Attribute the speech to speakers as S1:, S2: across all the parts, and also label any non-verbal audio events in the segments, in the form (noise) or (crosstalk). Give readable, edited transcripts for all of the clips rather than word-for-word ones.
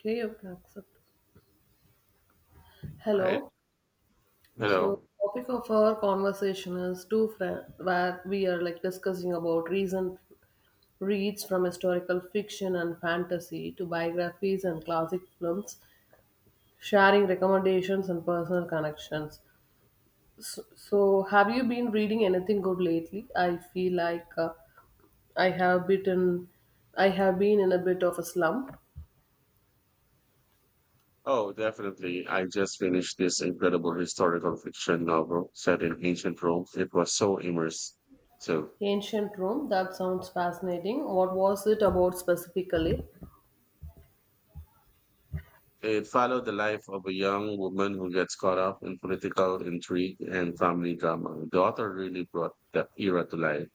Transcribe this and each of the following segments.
S1: Okay, you can accept.
S2: Right.
S1: Hello. So,
S2: Hello.
S1: topic of our conversation is two friends, where we are like discussing about recent reads from historical fiction and fantasy to biographies and classic films, sharing recommendations and personal connections. So, have you been reading anything good lately? I feel like I have bitten, I have been in a bit of a slump.
S2: Oh, definitely. I just finished this incredible historical fiction novel set in ancient Rome. It was so immersive. So
S1: Ancient Rome. That sounds fascinating. What was it about specifically?
S2: it followed the life of a young woman who gets caught up in political intrigue and family drama. The author really brought the era to life.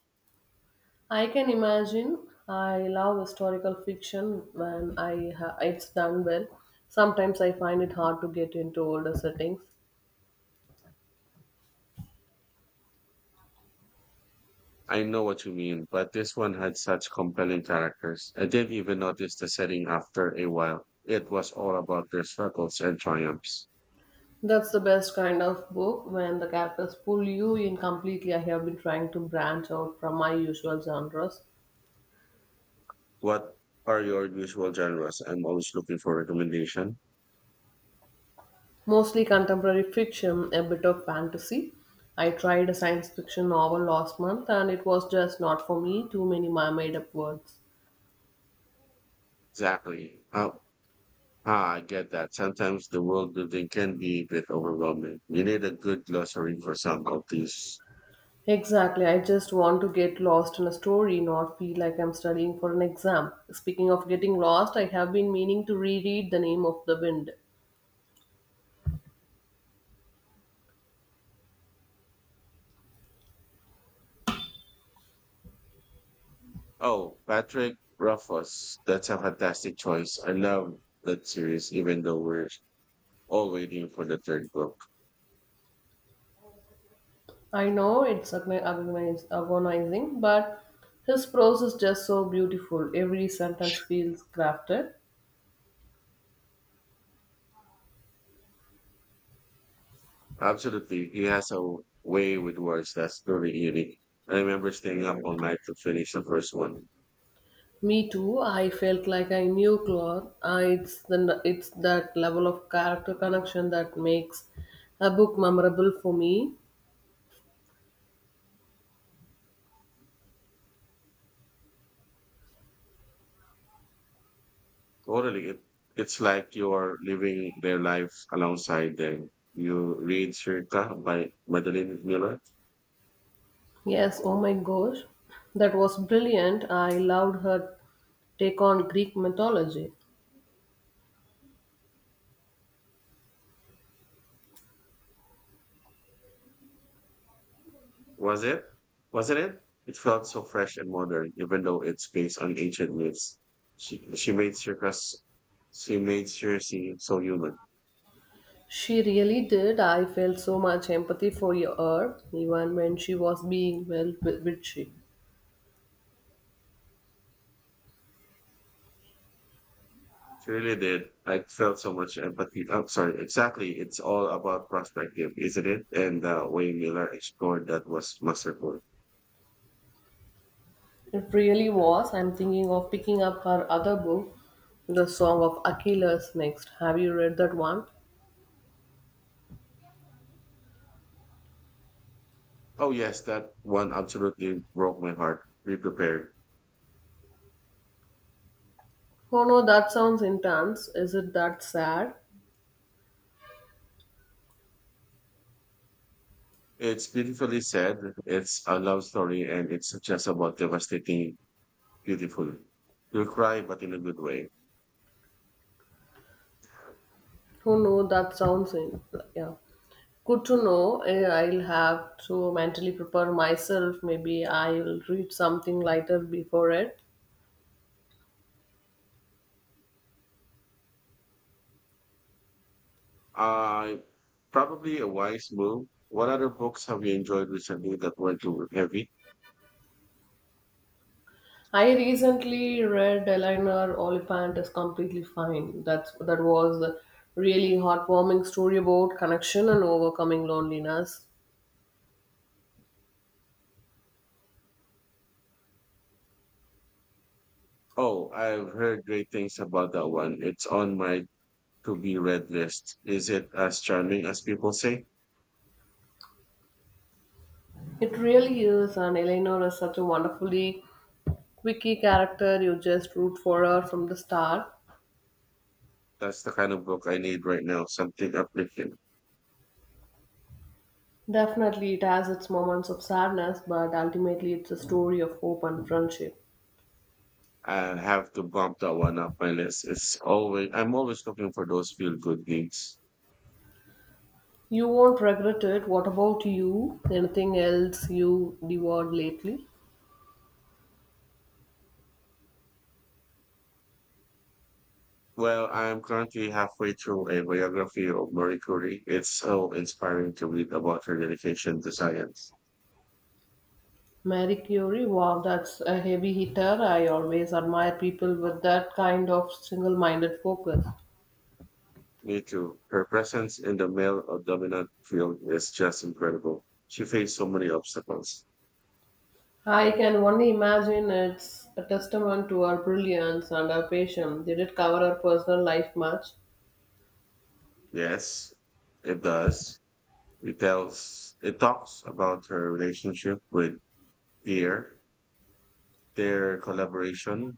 S1: I can imagine. I love historical fiction when it's done well. Sometimes I find it hard to get into older settings.
S2: I know what you mean, but this one had such compelling characters. I didn't even notice the setting after a while. It was all about their struggles and triumphs.
S1: That's the best kind of book when the characters pull you in completely. I have been trying to branch out from my usual genres,
S2: What are your usual genres? I'm always looking for recommendation.
S1: mostly contemporary fiction, a bit of fantasy. I tried a science fiction novel last month and it was just not for me, too many made up words.
S2: Exactly. Oh, ah, I get that. Sometimes the world building can be a bit overwhelming. We need a good glossary for some of these.
S1: Exactly. I just want to get lost in a story, not feel like I'm studying for an exam. Speaking of getting lost, I have been meaning to reread The Name of the Wind.
S2: Oh, Patrick Ruffus. That's a fantastic choice. I love that series, even though we're all waiting for the third book.
S1: I know it's agonizing, but his prose is just so beautiful. Every sentence feels crafted.
S2: Absolutely. He has a way with words that's really unique. I remember staying up all night to finish the first one.
S1: Me too. I felt like I knew Claude. It's that level of character connection that makes a book memorable for me.
S2: Totally. It's like you're living their life alongside them. You read Circa by Madeline Miller.
S1: Yes, oh my gosh, that was brilliant. I loved her take on Greek mythology.
S2: Was it? Wasn't it? It felt so fresh and modern, even though it's based on ancient myths. She, she made circus, she made Circe so human.
S1: She really did. I felt so much empathy for her, even when she was being, well, witchy.
S2: She really did. I felt so much empathy. I'm sorry. Exactly. It's all about perspective, isn't it? And the way Miller explored that was masterful.
S1: It really was. I'm thinking of picking up her other book, The Song of Achilles, next. Have you read that one?
S2: Oh yes, that one absolutely broke my heart. Be prepared.
S1: Oh no, that sounds intense. Is it that sad?
S2: It's beautifully said. It's a love story and it's just about devastating, beautiful. You'll cry, but in a good way.
S1: Oh no, that sounds in yeah. Good to know. I'll have to mentally prepare myself. Maybe I'll read something lighter before it.
S2: Uh, Probably a wise move. What other books have you enjoyed recently that were not too heavy?
S1: I recently read Eleanor Oliphant is Completely Fine. That was a really heartwarming story about connection and overcoming loneliness.
S2: Oh, I've heard great things about that one. It's on my to be read list. Is it as charming as people say?
S1: It really is, and Eleanor is such a wonderfully quirky character. You just root for her from the start.
S2: That's the kind of book I need right now. Something uplifting.
S1: Definitely, it has its moments of sadness, but ultimately, it's a story of hope and friendship.
S2: I have to bump that one up my list. It's always I'm always looking for those feel good things.
S1: You won't regret it. What about you? Anything else you devoured lately?
S2: Well, I'm currently halfway through a biography of Marie Curie. It's so inspiring to read about her dedication to science.
S1: Marie Curie, wow, that's a heavy hitter. I always admire people with that kind of single minded focus.
S2: Me too. Her presence in the male or dominant field is just incredible. She faced so many obstacles.
S1: I can only imagine, it's a testament to her brilliance and her patience. Did it cover her personal life much?
S2: Yes, it does. It talks about her relationship with Pierre, their collaboration,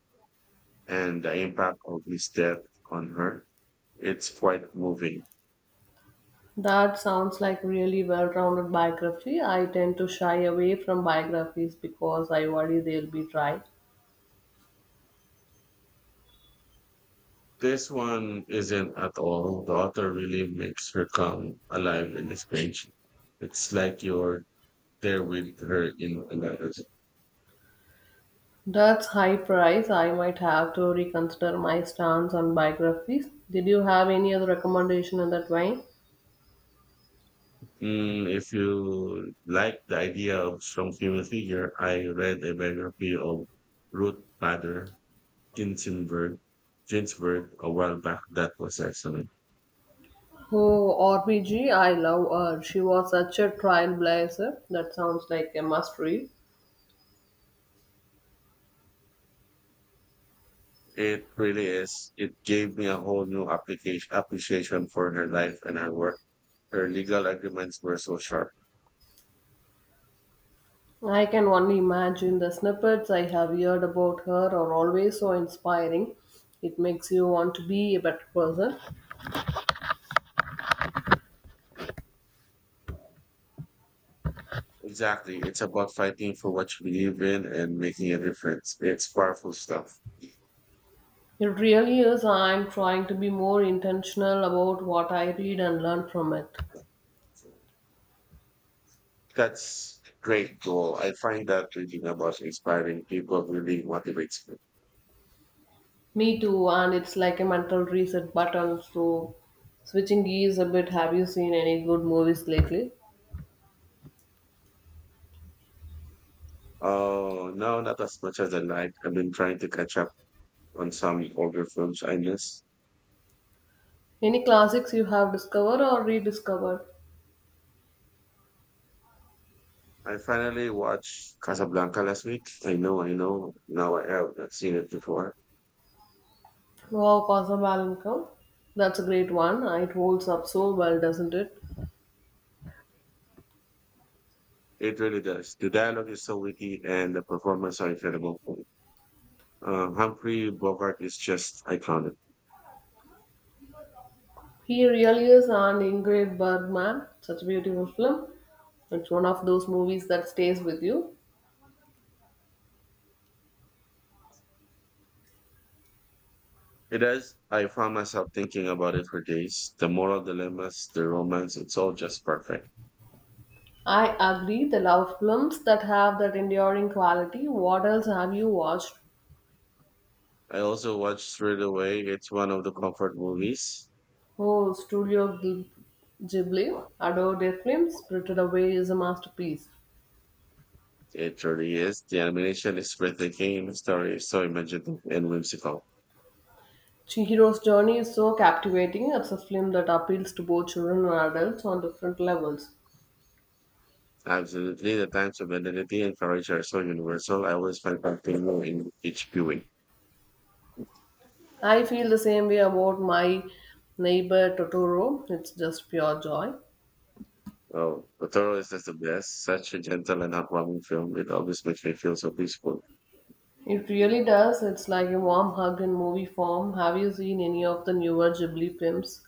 S2: and the impact of his death on her. It's quite moving.
S1: That sounds like really well rounded biography. I tend to shy away from biographies because I worry they'll be dry.
S2: This one isn't at all. The author really makes her come alive in this page. It's like you're there with her in another.
S1: That's high price. I might have to reconsider my stance on biographies. Did you have any other recommendation in that vein?
S2: If you like the idea of strong female figure, I read a biography of Ruth Bader Ginsburg, Ginsburg a while back. That was excellent.
S1: Oh, RPG, I love her. She was such a trailblazer. That sounds like a must read.
S2: It really is. It gave me a whole new application appreciation for her life and her work. Her legal arguments were so sharp.
S1: I can only imagine the snippets I have heard about her are always so inspiring. It makes you want to be a better person.
S2: Exactly. It's about fighting for what you believe in and making a difference. It's powerful stuff.
S1: It really is. I'm trying to be more intentional about what I read and learn from it.
S2: That's great goal. I find that reading about inspiring people really motivates me.
S1: Me too, and it's like a mental reset button. So, switching gears a bit, have you seen any good movies lately?
S2: Oh, no, not as much as I like. I've been trying to catch up on some older films I missed.
S1: Any classics you have discovered or rediscovered?
S2: I finally watched Casablanca last week. I know, I know. Now I have not seen it before.
S1: Wow, Casa Blanca. That's a great one. It holds up so well, doesn't it?
S2: It really does. The dialogue is so witty and the performance are incredible. Humphrey Bogart is just iconic.
S1: He really is, an Ingrid Bergman. Such a beautiful film. It's one of those movies that stays with you.
S2: It is. I found myself thinking about it for days. The moral dilemmas, the romance, it's all just perfect.
S1: I agree, the love films that have that enduring quality. What else have you watched?
S2: I also watched Straight Away. It's one of the comfort movies.
S1: Oh, Ghibli. Adore their films. Spirited Away is a masterpiece.
S2: It truly is. The animation is breathtaking and the story is so imaginative and whimsical.
S1: Chihiro's journey is so captivating. It's a film that appeals to both children and adults on different levels.
S2: Absolutely, the times of identity and courage are so universal. I always find something new in each viewing.
S1: I feel the same way about my neighbor Totoro. It's just pure joy.
S2: Oh, Totoro is just the best. Such a gentle and heartwarming film. It always makes me feel so peaceful.
S1: It really does. It's like a warm hug in movie form. Have you seen any of the newer Ghibli films?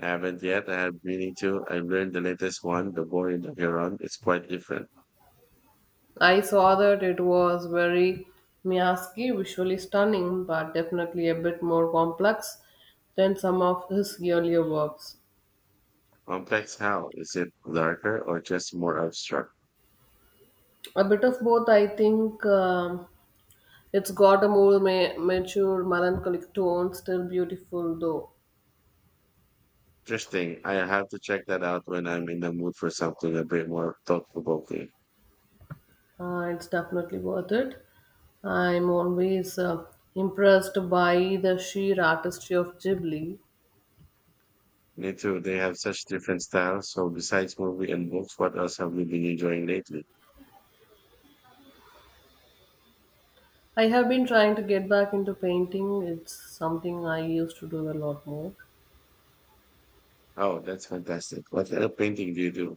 S2: I haven't yet. I have meaning to. I've learned the latest one, The Boy in the Heron. It's quite different.
S1: I saw that it was very Miyazaki, visually stunning, but definitely a bit more complex than some of his earlier works.
S2: Complex how? Is it darker or just more abstract?
S1: A bit of both, I think. It's got a more mature, melancholic tone, still beautiful though.
S2: Interesting. I have to check that out when I'm in the mood for something a bit more thought provoking.
S1: It's definitely worth it. I'm always impressed by the sheer artistry of Ghibli.
S2: Me too. They have such different styles. So besides movie and books, what else have you been enjoying lately?
S1: I have been trying to get back into painting. It's something I used to do a lot more.
S2: Oh, that's fantastic. What kind of painting do you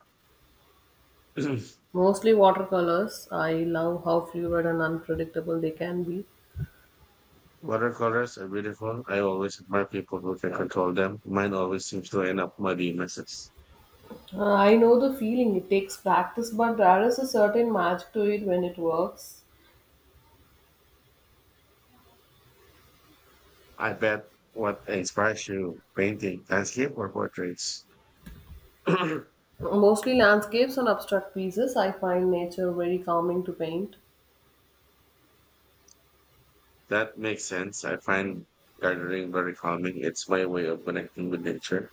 S2: do?
S1: Mostly watercolors. I love how fluid and unpredictable they can be.
S2: (clears throat) Watercolors are beautiful. I always admire people who can control them. Mine always seems to end up muddy messes.
S1: I know the feeling. It takes practice, but there is a certain magic to it when it works.
S2: I bet what inspires you painting landscape or portraits. (clears throat) That
S1: Mostly landscapes and abstract pieces. I find nature very calming to paint.
S2: makes sense. I find gardening very calming. It's my way of connecting with nature.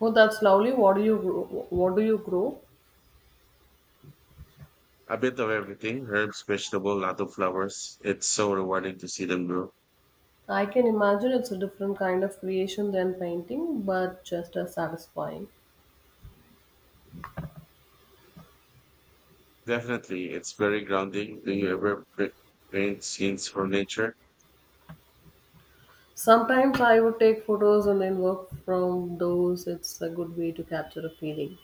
S1: Oh, that's lovely. What do you grow? What do you grow?
S2: A bit of everything herbs, vegetable, lot of flowers. It's so rewarding to see them grow.
S1: I can imagine it's a different kind of creation than painting, but just as satisfying.
S2: Definitely, it's very grounding. Do you ever paint scenes from nature?
S1: Sometimes I would take photos and then work from those. It's a good way to capture a feeling.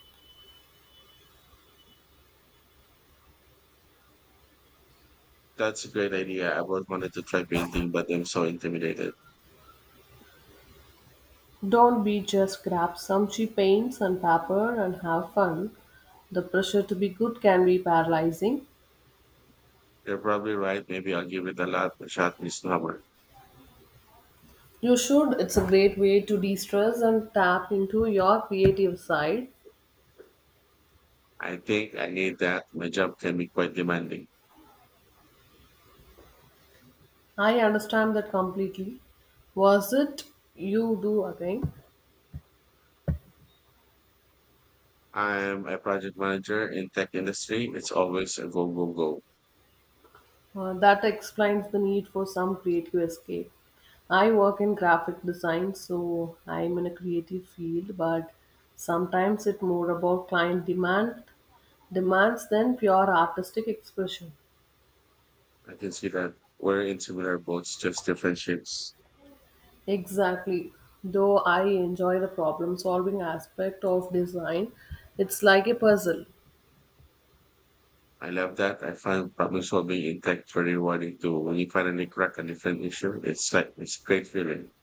S2: That's a great idea. I always wanted to try painting, but I'm so intimidated.
S1: Don't be, just grab some cheap paints and paper and have fun. The pressure to be good can be paralyzing.
S2: You're probably right. Maybe I'll give it a shot this summer.
S1: You should. It's a great way to de stress and tap into your creative side.
S2: I think I need that. My job can be quite demanding.
S1: I understand that completely. Was it you do again?
S2: I'm a project manager in tech industry. It's always a go, go, go.
S1: That explains the need for some creative escape. I work in graphic design, so I'm in a creative field, but sometimes it's more about client demand Demands then pure artistic expression.
S2: I can see that we're in similar boats, just different ships.
S1: Exactly. Though I enjoy the problem solving aspect of design, it's like a puzzle.
S2: I love that. I find problem solving in tech very rewarding too. When you finally crack a different issue, it's great feeling.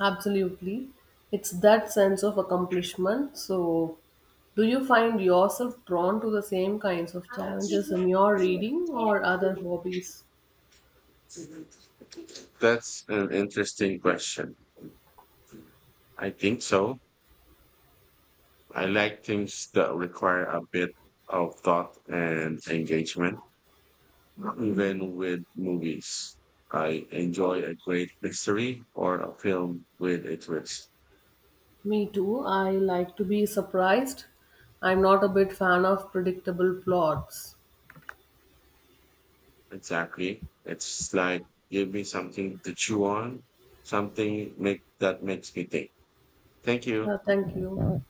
S1: Absolutely. It's that sense of accomplishment. So, do you find yourself drawn to the same kinds of challenges in your reading or other hobbies?
S2: That's an interesting question. I think so. I like things that require a bit of thought and engagement. Even with movies, I enjoy a great mystery or a film with a twist.
S1: Me too. I like to be surprised. I'm not a big fan of predictable plots.
S2: Exactly. It's like give me something to chew on, something make that makes me think. Thank you.
S1: Thank you.